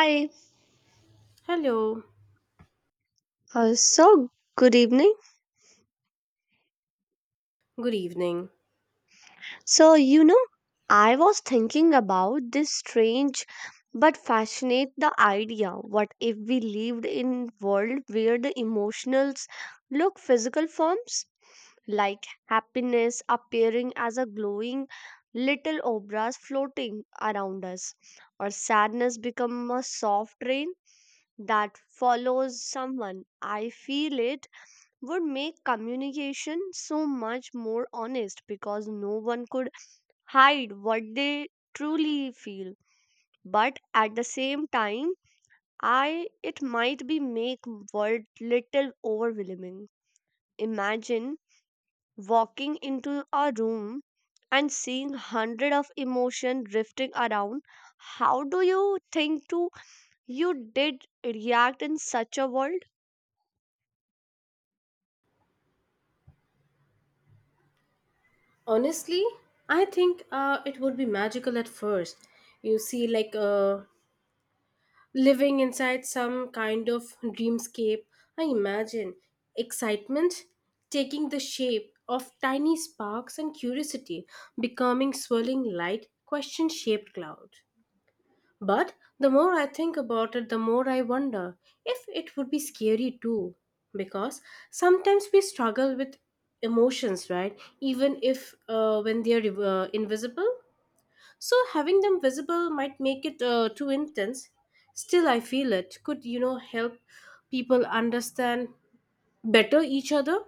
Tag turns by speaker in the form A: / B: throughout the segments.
A: Hi.
B: Hello,
A: Uh, so, good evening.
B: good evening.
A: So, you know, I was thinking about this strange but fascinate the idea, what if we lived in world where the emotionals look physical forms, like happiness appearing as a glowing little obras floating around us, or sadness become a soft rain that follows someone. I feel it would make communication so much more honest because no one could hide what they truly feel. But at the same time, I it might be make world little overwhelming. Imagine walking into a room and seeing hundred of emotion drifting around. How do you think to you did react in such a world?
B: Honestly, I think it would be magical at first. You see, living inside some kind of dreamscape. I imagine excitement taking the shape of tiny sparks, and curiosity becoming swirling light, question shaped cloud. But the more I think about it, the more I wonder if it would be scary too. Because sometimes we struggle with emotions, right? Even if when they are invisible. So having them visible might make it too intense. Still, I feel it could, you know, help people understand better each other,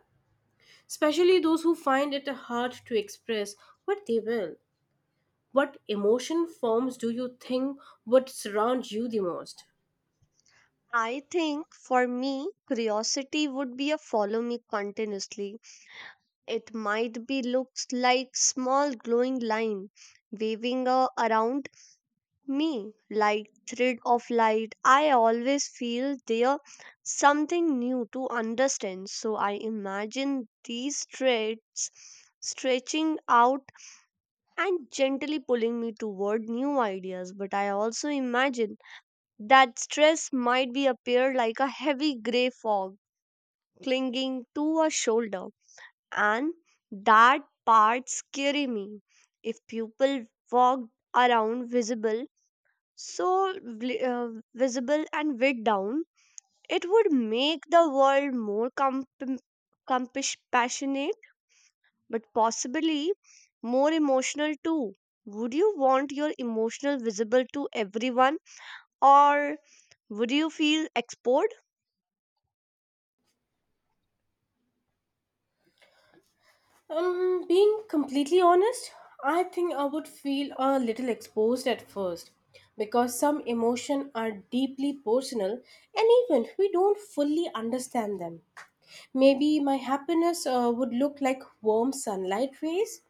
B: especially those who find it hard to express what they will. What emotion forms do you think would surround you the most?
A: I think for me, curiosity would be a follow me continuously. It might be looks like small glowing line waving around me like thread of light. I always feel there something new to understand. So I imagine these threads stretching out and gently pulling me toward new ideas. But I also imagine that stress might be appear like a heavy gray fog clinging to a shoulder. And that part scary me. If people walked around visible, so vi- uh, visible and weight down, it would make the world more compassionate, but possibly more emotional too. Would you want your emotional visible to everyone, or would you feel exposed?
B: Being completely honest, I think I would feel a little exposed at first, because some emotions are deeply personal and even we don't fully understand them. Maybe my happiness would look like warm sunlight rays,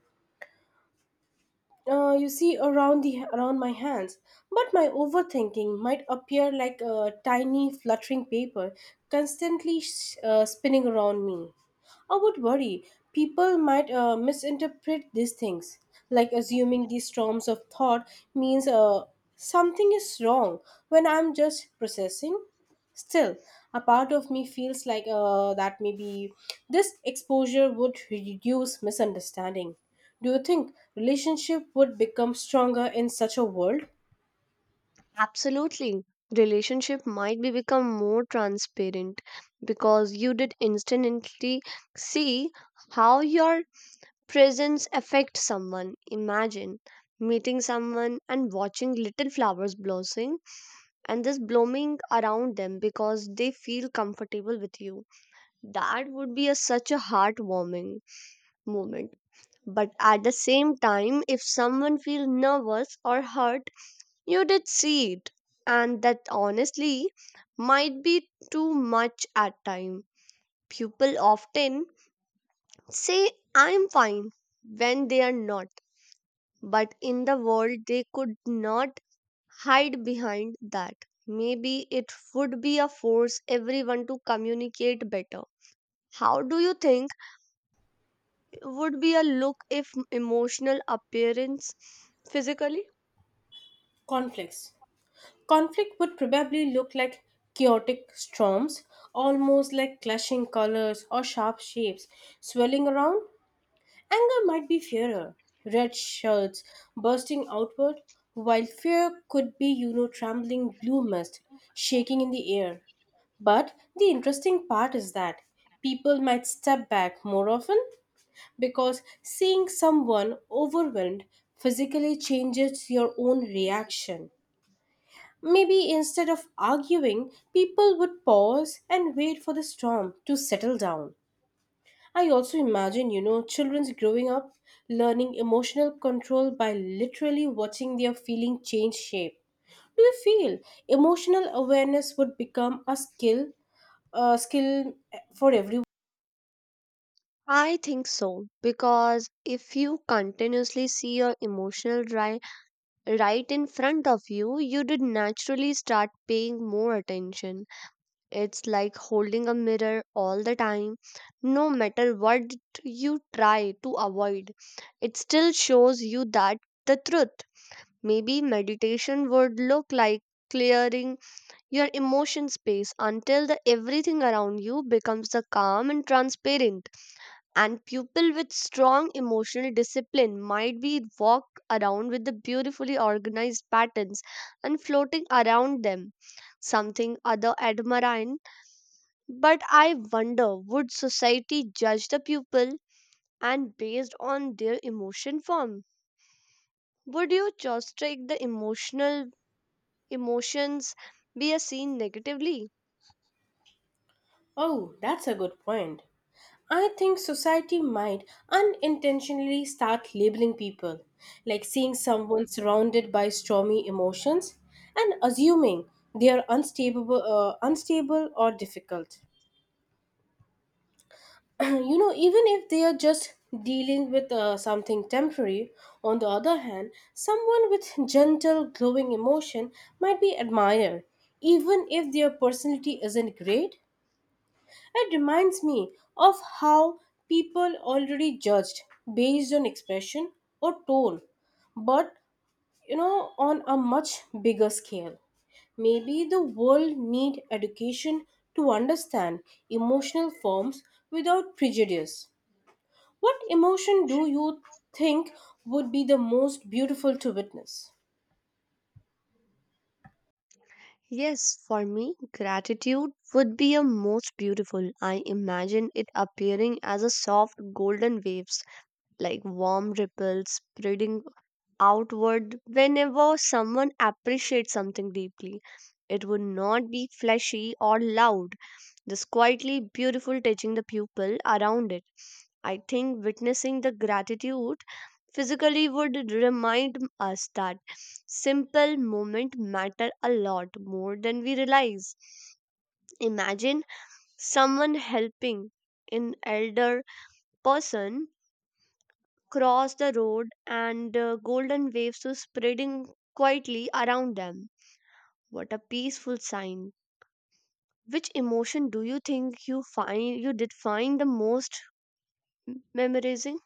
B: you see around the around my hands. But my overthinking might appear like a tiny fluttering paper, constantly spinning around me. I would worry people might misinterpret these things, like assuming these storms of thought means something is wrong when I'm just processing. Still, a part of me feels that maybe this exposure would reduce misunderstanding. Do you think relationship would become stronger in such a world?
A: Absolutely. Relationship might be become more transparent because you did instantly see how your presence affects someone. Imagine meeting someone and watching little flowers blossoming and this blooming around them because they feel comfortable with you. That would be a, such a heartwarming moment. But at the same time, if someone feels nervous or hurt, you did see it, and that honestly might be too much at time. People often say I'm fine when they are not, but in the world they could not hide behind that. Maybe it would be a force everyone to communicate better. How do you think would be a look if emotional appearance physically?
B: Conflicts. Conflict would probably look like chaotic storms, almost like clashing colors or sharp shapes swirling around. Anger might be fairer, red shirts bursting outward, while fear could be, you know, trembling blue mist shaking in the air. But the interesting part is that people might step back more often, because seeing someone overwhelmed physically changes your own reaction. Maybe instead of arguing, people would pause and wait for the storm to settle down. I also imagine, you know, children's growing up learning emotional control by literally watching their feeling change shape. Do you feel emotional awareness would become a skill, a skill for everyone?
A: I think so, because if you continuously see your emotional dry right in front of you, you did naturally start paying more attention. It's like holding a mirror all the time. No matter what you try to avoid, it still shows you that the truth. Maybe meditation would look like clearing your emotion space until the everything around you becomes the calm and transparent, and people with strong emotional discipline might be walk around with the beautifully organized patterns and floating around them, something other admire. But I wonder, would society judge the pupil and based on their emotion form? Would you just take the emotional emotions be a seen negatively?
B: Oh, that's a good point. I think society might unintentionally start labeling people, like seeing someone surrounded by stormy emotions and assuming they are unstable, unstable or difficult. You know, even if they are just dealing with something temporary. On the other hand, someone with gentle glowing emotion might be admired, even if their personality isn't great. It reminds me of how people already judged based on expression or tone, but, you know, on a much bigger scale. Maybe the world need education to understand emotional forms without prejudice. What emotion do you think would be the most beautiful to witness?
A: Yes, for me, gratitude would be a most beautiful. I imagine it appearing as a soft golden waves, like warm ripples spreading outward whenever someone appreciates something deeply. It would not be flashy or loud, just quietly beautiful touching the people around it. I think witnessing the gratitude physically would remind us that simple moments matter a lot more than we realize. Imagine someone helping an elder person cross the road and golden waves were spreading quietly around them. What a peaceful sign. Which emotion do you think you find you did find the most memorizing?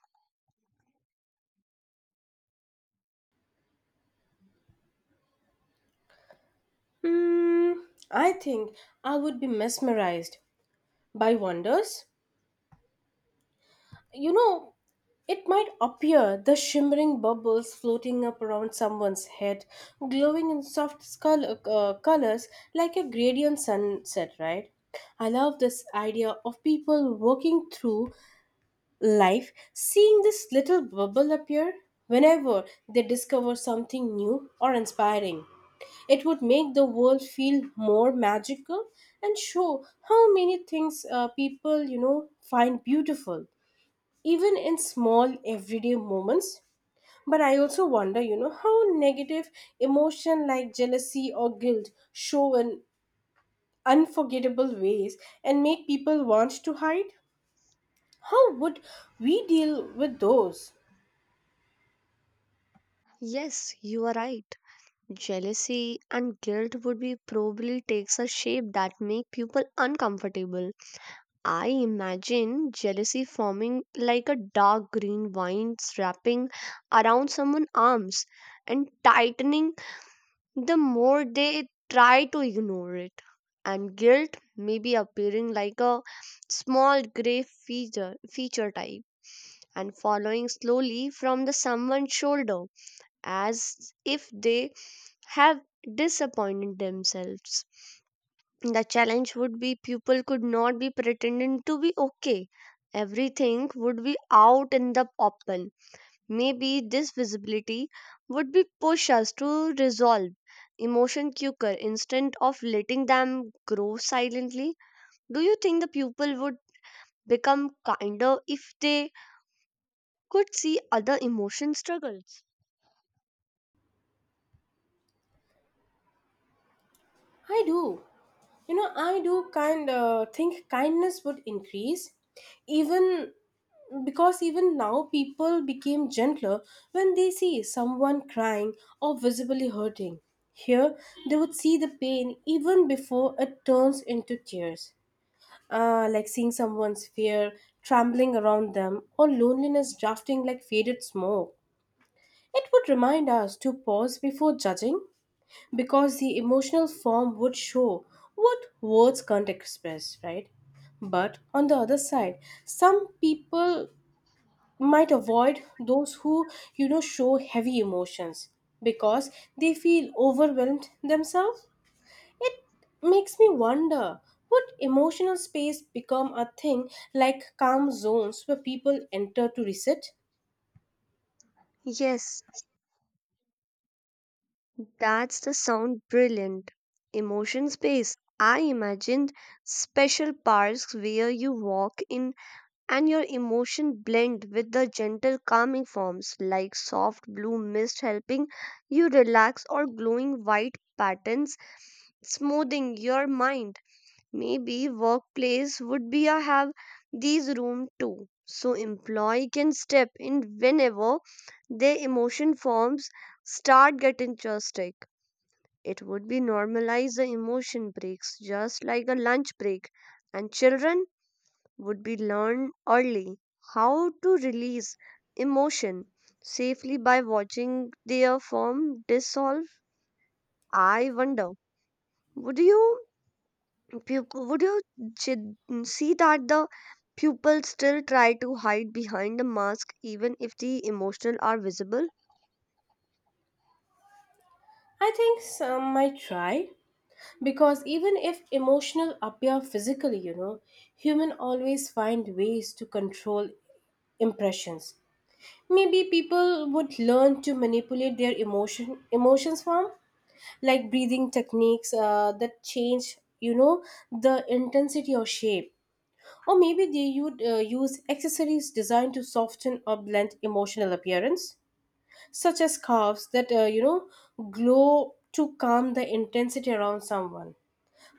B: Hmm, I think I would be mesmerized by wonders. You know, it might appear the shimmering bubbles floating up around someone's head, glowing in soft colors like a gradient sunset, right? I love this idea of people walking through life seeing this little bubble appear whenever they discover something new or inspiring. It would make the world feel more magical and show how many things people, you know, find beautiful, even in small everyday moments. But I also wonder, you know, how negative emotion like jealousy or guilt show in unforgettable ways and make people want to hide. How would we deal with those?
A: Yes, you are right. Jealousy and guilt would be probably takes a shape that make people uncomfortable. I imagine jealousy forming like a dark green vine wrapping around someone's arms and tightening the more they try to ignore it, and guilt may be appearing like a small gray feature type and following slowly from the someone's shoulder as if they have disappointed themselves. The challenge would be people could not be pretending to be okay. Everything would be out in the open. Maybe this visibility would be push us to resolve emotion quicker instead of letting them grow silently. Do you think the people would become kinder if they could see other emotion struggles?
B: I do. You know, I do kind of think kindness would increase, even because even now people became gentler when they see someone crying or visibly hurting. Here, they would see the pain even before it turns into tears. Like seeing someone's fear trembling around them, or loneliness drafting like faded smoke. It would remind us to pause before judging, because the emotional form would show what words can't express, right? But on the other side, some people might avoid those who, you know, show heavy emotions, because they feel overwhelmed themselves. It makes me wonder, would emotional space become a thing, like calm zones where people enter to reset?
A: Yes, that's the sound brilliant. Emotion space. I imagined special parks where you walk in and your emotion blend with the gentle calming forms like soft blue mist helping you relax or glowing white patterns smoothing your mind. Maybe workplace would be a have these room too. So employee can step in whenever their emotion forms start getting interesting. It would be normalize the emotion breaks just like a lunch break, and children would be learn early how to release emotion safely by watching their form dissolve. I wonder, would you would you see that the pupils still try to hide behind the mask even if the emotional are visible?
B: I think some might try, because even if emotional appear physically, you know, human always find ways to control impressions. Maybe people would learn to manipulate their emotions form, like breathing techniques that change, you know, the intensity or shape. Or maybe they would use accessories designed to soften or blend emotional appearance, such as scarves that, you know, glow to calm the intensity around someone.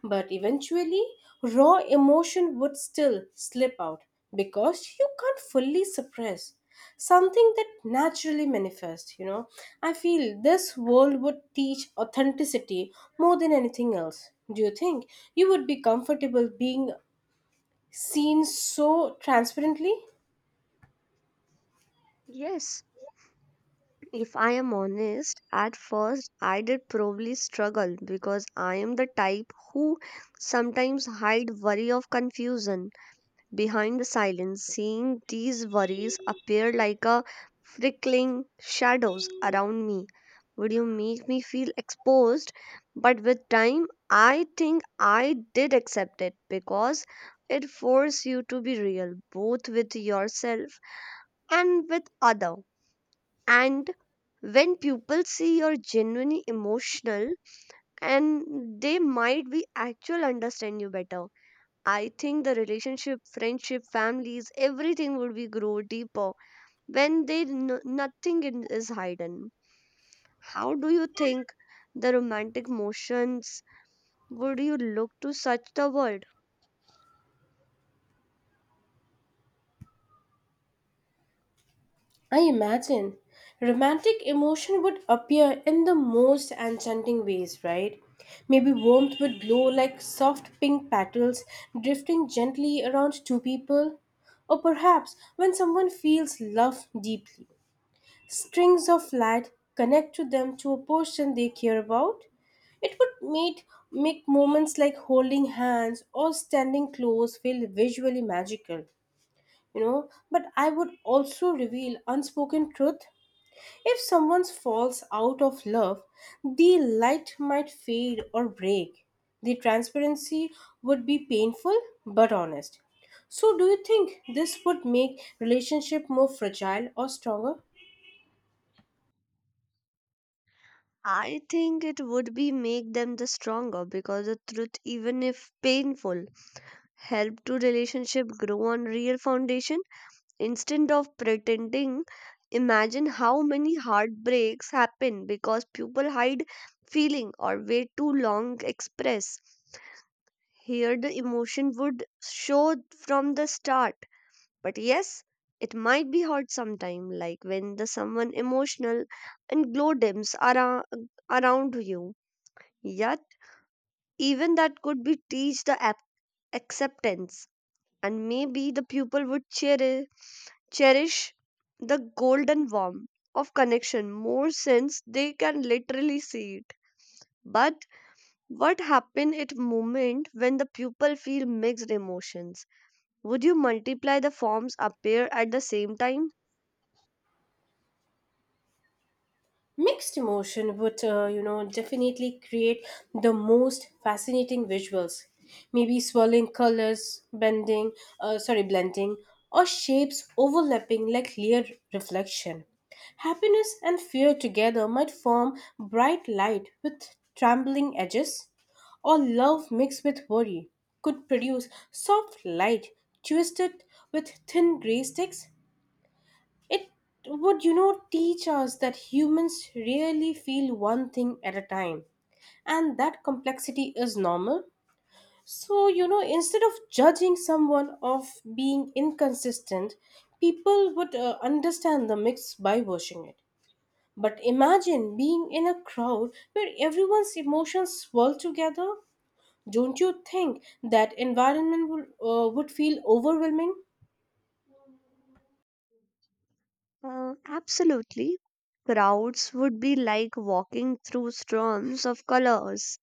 B: But eventually, raw emotion would still slip out, because you can't fully suppress something that naturally manifests. You know, I feel this world would teach authenticity more than anything else. Do you think you would be comfortable being seen so transparently?
A: Yes, if I am honest, at first I did probably struggle because I am the type who sometimes hide worry of confusion behind the silence. Seeing these worries appear like a prickling shadows around me would you make me feel exposed. But with time, I think I did accept it because it forced you to be real both with yourself and with other. And when people see you're genuinely emotional, and they might be actual understand you better. I think the relationship, friendship, families, everything would be grow deeper when they nothing is hidden. How do you think the romantic motions would you look to such the world?
B: I imagine romantic emotion would appear in the most enchanting ways, right? Maybe warmth would glow like soft pink petals drifting gently around two people. Or perhaps when someone feels love deeply, strings of light connect to them to a person they care about. It would make moments like holding hands or standing close feel visually magical, you know. But I would also reveal unspoken truth. If someone falls out of love, the light might fade or break. The transparency would be painful but honest. So, do you think this would make relationship more fragile or stronger?
A: I think it would be make them the stronger because the truth, even if painful, help to relationship grow on real foundation. Instead of pretending, imagine how many heartbreaks happen because people hide feeling or wait too long express. Here the emotion would show from the start. But yes, it might be hard sometime, like when the someone emotional and glow dims around you. Yet even that could be teach the acceptance, and maybe the pupil would cherish the golden warmth of connection more since they can literally see it. But what happens at moment when the pupil feel mixed emotions? Would you multiply the forms appear at the same time?
B: Mixed emotion would, you know, definitely create the most fascinating visuals. Maybe swirling colors bending sorry blending, or shapes overlapping like clear reflection. Happiness and fear together might form bright light with trembling edges, or love mixed with worry could produce soft light twisted with thin gray sticks. It would, you know, teach us that humans really feel one thing at a time, and that complexity is normal. So, you know, instead of judging someone of being inconsistent, people would understand the mix by watching it. But imagine being in a crowd where everyone's emotions swirl together. Don't you think that environment would feel overwhelming?
A: Absolutely. Crowds would be like walking through storms of colors,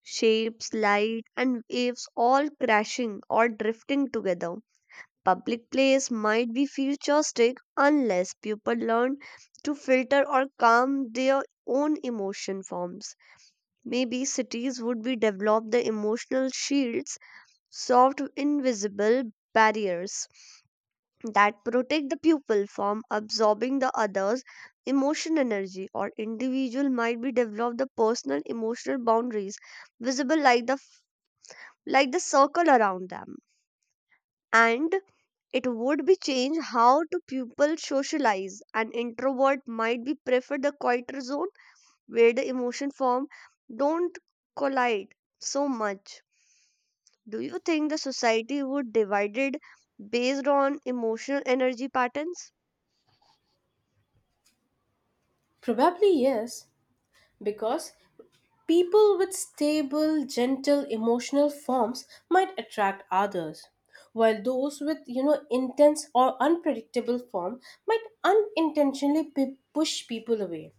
A: shapes, light, and waves all crashing or drifting together. Public place might be futuristic unless people learn to filter or calm their own emotion forms. Maybe cities would be develop the emotional shields, soft invisible barriers that protect the pupil from absorbing the other's emotion energy, or individual might be develop the personal emotional boundaries visible like the circle around them. And it would be change how to people socialize. An introvert might be prefer the quieter zone where the emotion form don't collide so much. Do you think the society would divided based on emotional energy patterns?
B: Probably yes, because people with stable, gentle emotional forms might attract others, while those with, you know, intense or unpredictable form might unintentionally push people away.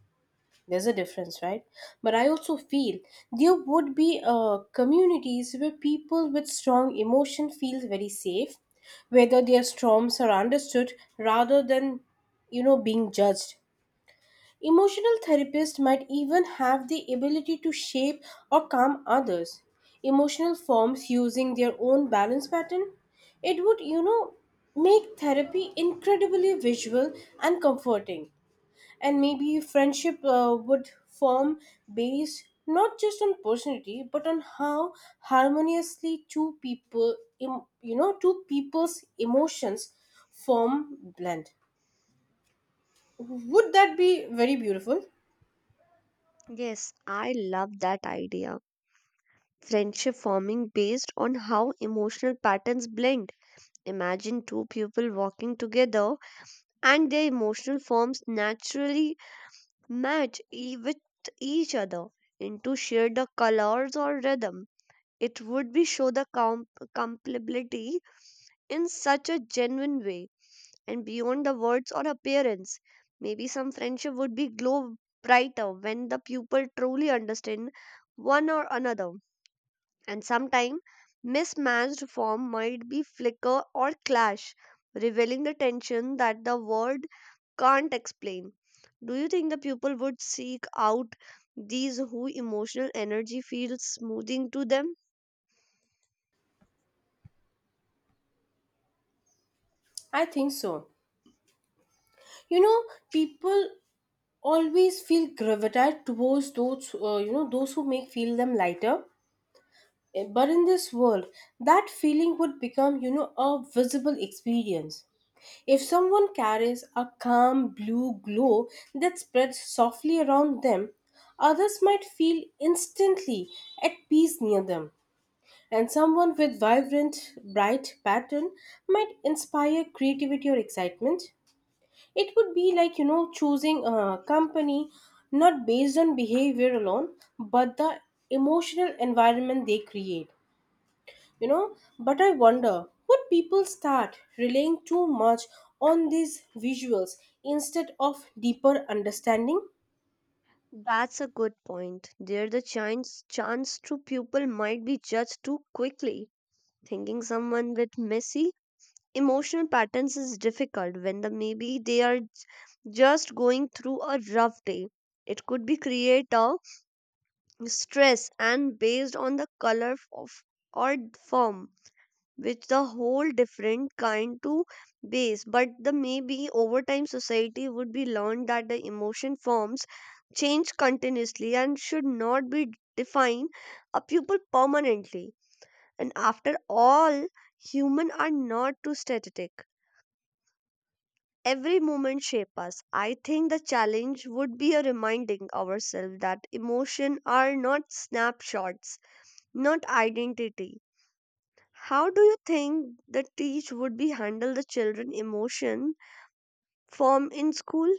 B: There's a difference, right? But I also feel there would be communities where people with strong emotion feel very safe, whether their storms are understood rather than, you know, being judged. Emotional therapists might even have the ability to shape or calm others' emotional forms using their own balance pattern. It would, you know, make therapy incredibly visual and comforting. And maybe friendship would form based not just on personality but on how harmoniously you know, two people's emotions form blend. Would that be very beautiful?
A: Yes, I love that idea, friendship forming based on how emotional patterns blend. Imagine two people walking together and their emotional forms naturally match with each other into share the colors or rhythm. It would be show the compatibility in such a genuine way and beyond the words or appearance. Maybe some friendship would be glow brighter when the pupil truly understand one or another, and sometimes mismatched form might be flicker or clash, revealing the tension that the word can't explain. Do you think the pupil would seek out these who emotional energy feels smoothing to them?
B: I think so. You know, people always feel gravitate towards those, you know, those who make feel them lighter. But in this world, that feeling would become, you know, a visible experience. If someone carries a calm blue glow that spreads softly around them, others might feel instantly at peace near them. And someone with vibrant bright pattern might inspire creativity or excitement. It would be like, you know, choosing a company not based on behavior alone, but the emotional environment they create. You know, but I wonder, would people start relying too much on these visuals instead of deeper understanding?
A: That's a good point. There the chance to pupil might be judged too quickly, thinking someone with messy emotional patterns is difficult when the maybe they are just going through a rough day. It could be create a stress and based on the color of or form, which the whole different kind to base. But the maybe over time society would be learned that the emotion forms change continuously and should not be define a pupil permanently. And after all, human are not too static, every moment shape us. I think the challenge would be a reminding ourselves that emotion are not snapshots, not identity. How do you think the teach would be handle the children emotion form in school?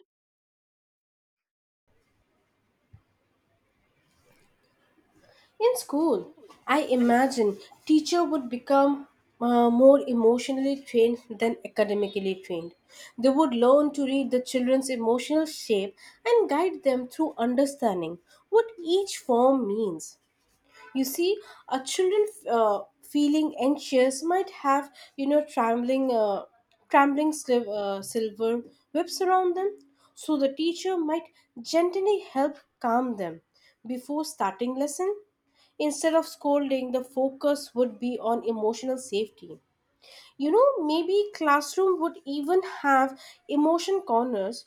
B: In school, I imagine teacher would become more emotionally trained than academically trained. They would learn to read the children's emotional shape and guide them through understanding what each form means. You see, a children feeling anxious might have, you know, trembling silver whips around them. So the teacher might gently help calm them before starting lesson. Instead of scolding, the focus would be on emotional safety. You know, maybe classroom would even have emotion corners,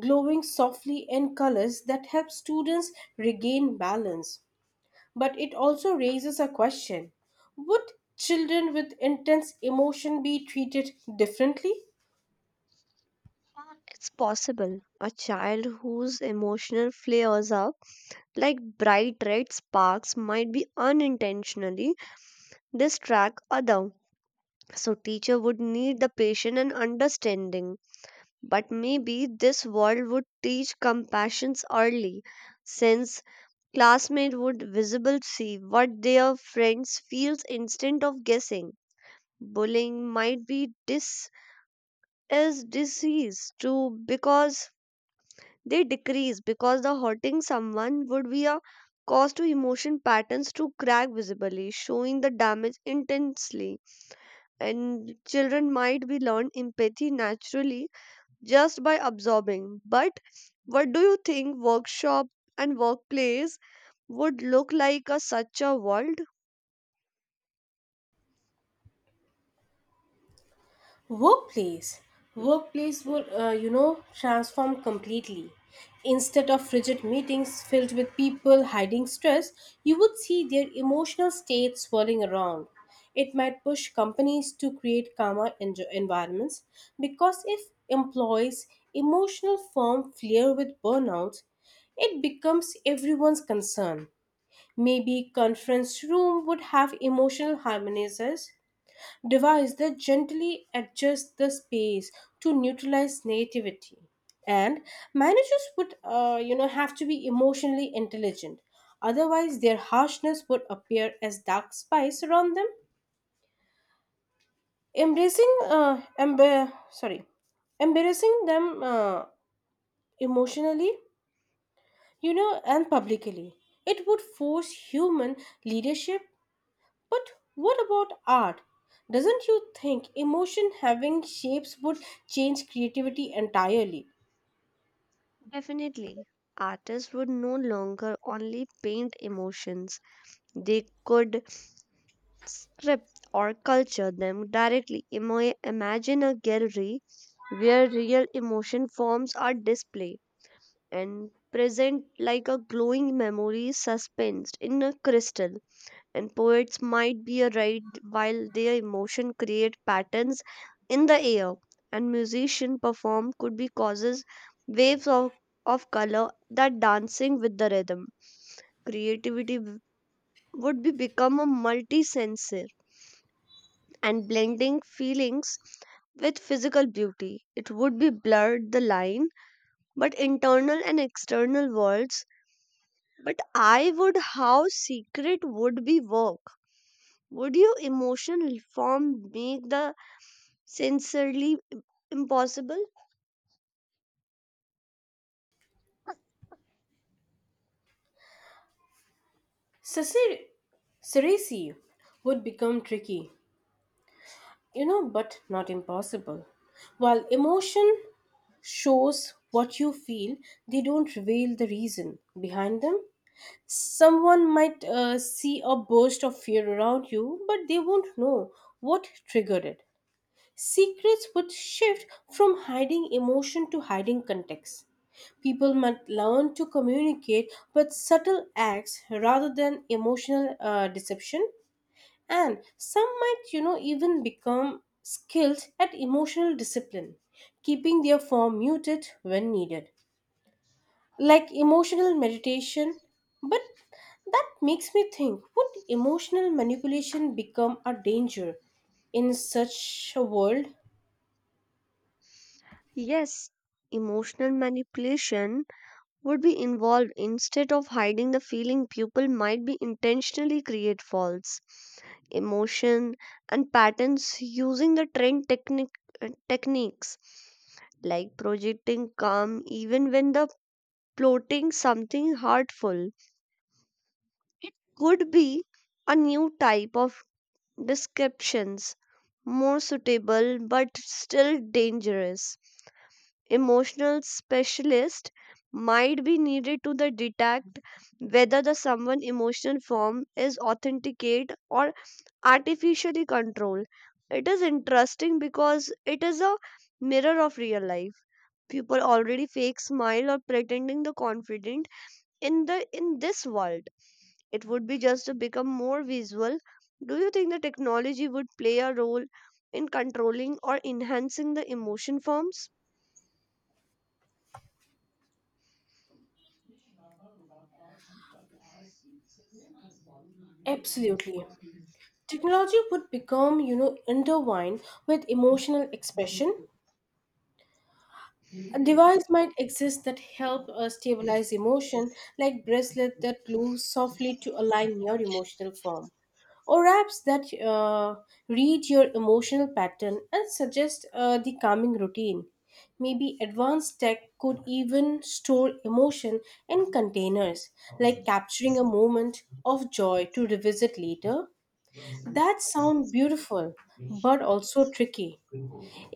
B: glowing softly in colors that help students regain balance. But it also raises a question. Would children with intense emotion be treated differently?
A: It's possible. A child whose emotional flares up like bright red sparks might be unintentionally distract other. So teacher would need the patience and understanding. But maybe this world would teach compassions early, since classmates would visible see what their friends feels instead of guessing. Bullying might be dis is disease too because they decrease because the hurting someone would be a cause to emotion patterns to crack visibly, showing the damage intensely. And children might be learn empathy naturally just by absorbing. But what do you think workshop and workplace would look like a such a world?
B: Workplace. Workplace will, you know, transform completely. Instead of rigid meetings filled with people hiding stress, you would see their emotional states swirling around. It might push companies to create calmer environments, because if employees' emotional form flare with burnout, it becomes everyone's concern. Maybe conference room would have emotional harmonizers, device that gently adjusts the space to neutralize nativity. And managers would, you know, have to be emotionally intelligent, otherwise their harshness would appear as dark spice around them, embracing emb- sorry embarrassing them, emotionally, you know, and publicly. It would force human leadership. But what about art? Doesn't you think emotion having shapes would change creativity entirely?
A: Definitely. Artists would no longer only paint emotions. They could script or culture them directly. Imagine a gallery where real emotion forms are displayed and present like a glowing memory suspensed in a crystal. And poets might be a right while their emotion create patterns in the air, and musician perform could be causes waves of color that dancing with the rhythm. Creativity would be become a multi-sensor and blending feelings with physical beauty. It would be blurred the line but internal and external worlds. But I would how secret would be work? Would your emotional reform make the sincerely impossible?
B: Ceci- Ceresi would become tricky, you know, but not impossible. While emotion shows what you feel, they don't reveal the reason behind them. Someone might see a burst of fear around you, but they won't know what triggered it. Secrets would shift from hiding emotion to hiding context. People might learn to communicate with subtle acts rather than emotional deception, and some might, you know, even become skilled at emotional discipline, keeping their form muted when needed, like emotional meditation. But that makes me think, would emotional manipulation become a danger in such a world?
A: Yes, emotional manipulation would be involved. Instead of hiding the feeling, people might be intentionally create false emotion and patterns using the trend techniques like projecting calm even when the plotting something hurtful. Could be a new type of descriptions, more suitable but still dangerous. Emotional specialist might be needed to the detect whether the someone emotional form is authenticate or artificially controlled. It is interesting because it is a mirror of real life. People already fake smile or pretending the confident in the in this world, it would be just to become more visual. Do you think the technology would play a role in controlling or enhancing the emotion forms?
B: Absolutely. Technology would become, you know, intertwined with emotional expression. A device might exist that help us stabilize emotion, like bracelet that glue softly to align your emotional form, or apps that read your emotional pattern and suggest the calming routine. Maybe advanced tech could even store emotion in containers, like capturing a moment of joy to revisit later. That sounds beautiful, but also tricky.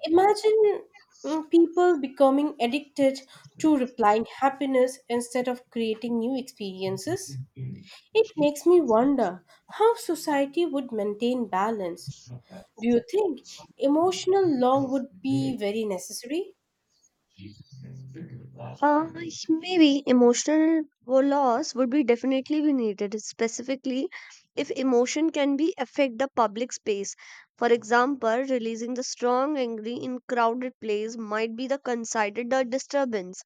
B: Imagine people becoming addicted to replying happiness instead of creating new experiences. It makes me wonder how society would maintain balance. Do you think emotional law would be very necessary?
A: Yes, maybe emotional loss would be definitely be needed, specifically if emotion can be affect the public space. For example, releasing the strong angry in crowded place might be the considered a disturbance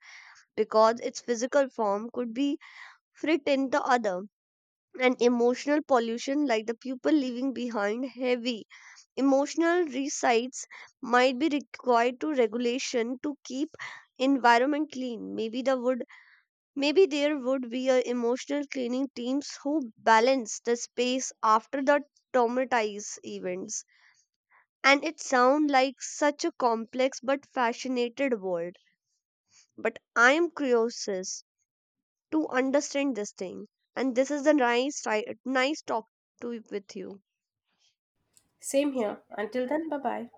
A: because its physical form could be threatened the other. And emotional pollution like the people leaving behind heavy emotional resides might be required to regulation to keep environment clean. Maybe there would be a emotional cleaning teams who balance the space after the traumatize events. And it sound like such a complex but fascinated world. But I am curious to understand this thing, and this is the nice right, nice talk to with you.
B: Same here. Until then, bye bye.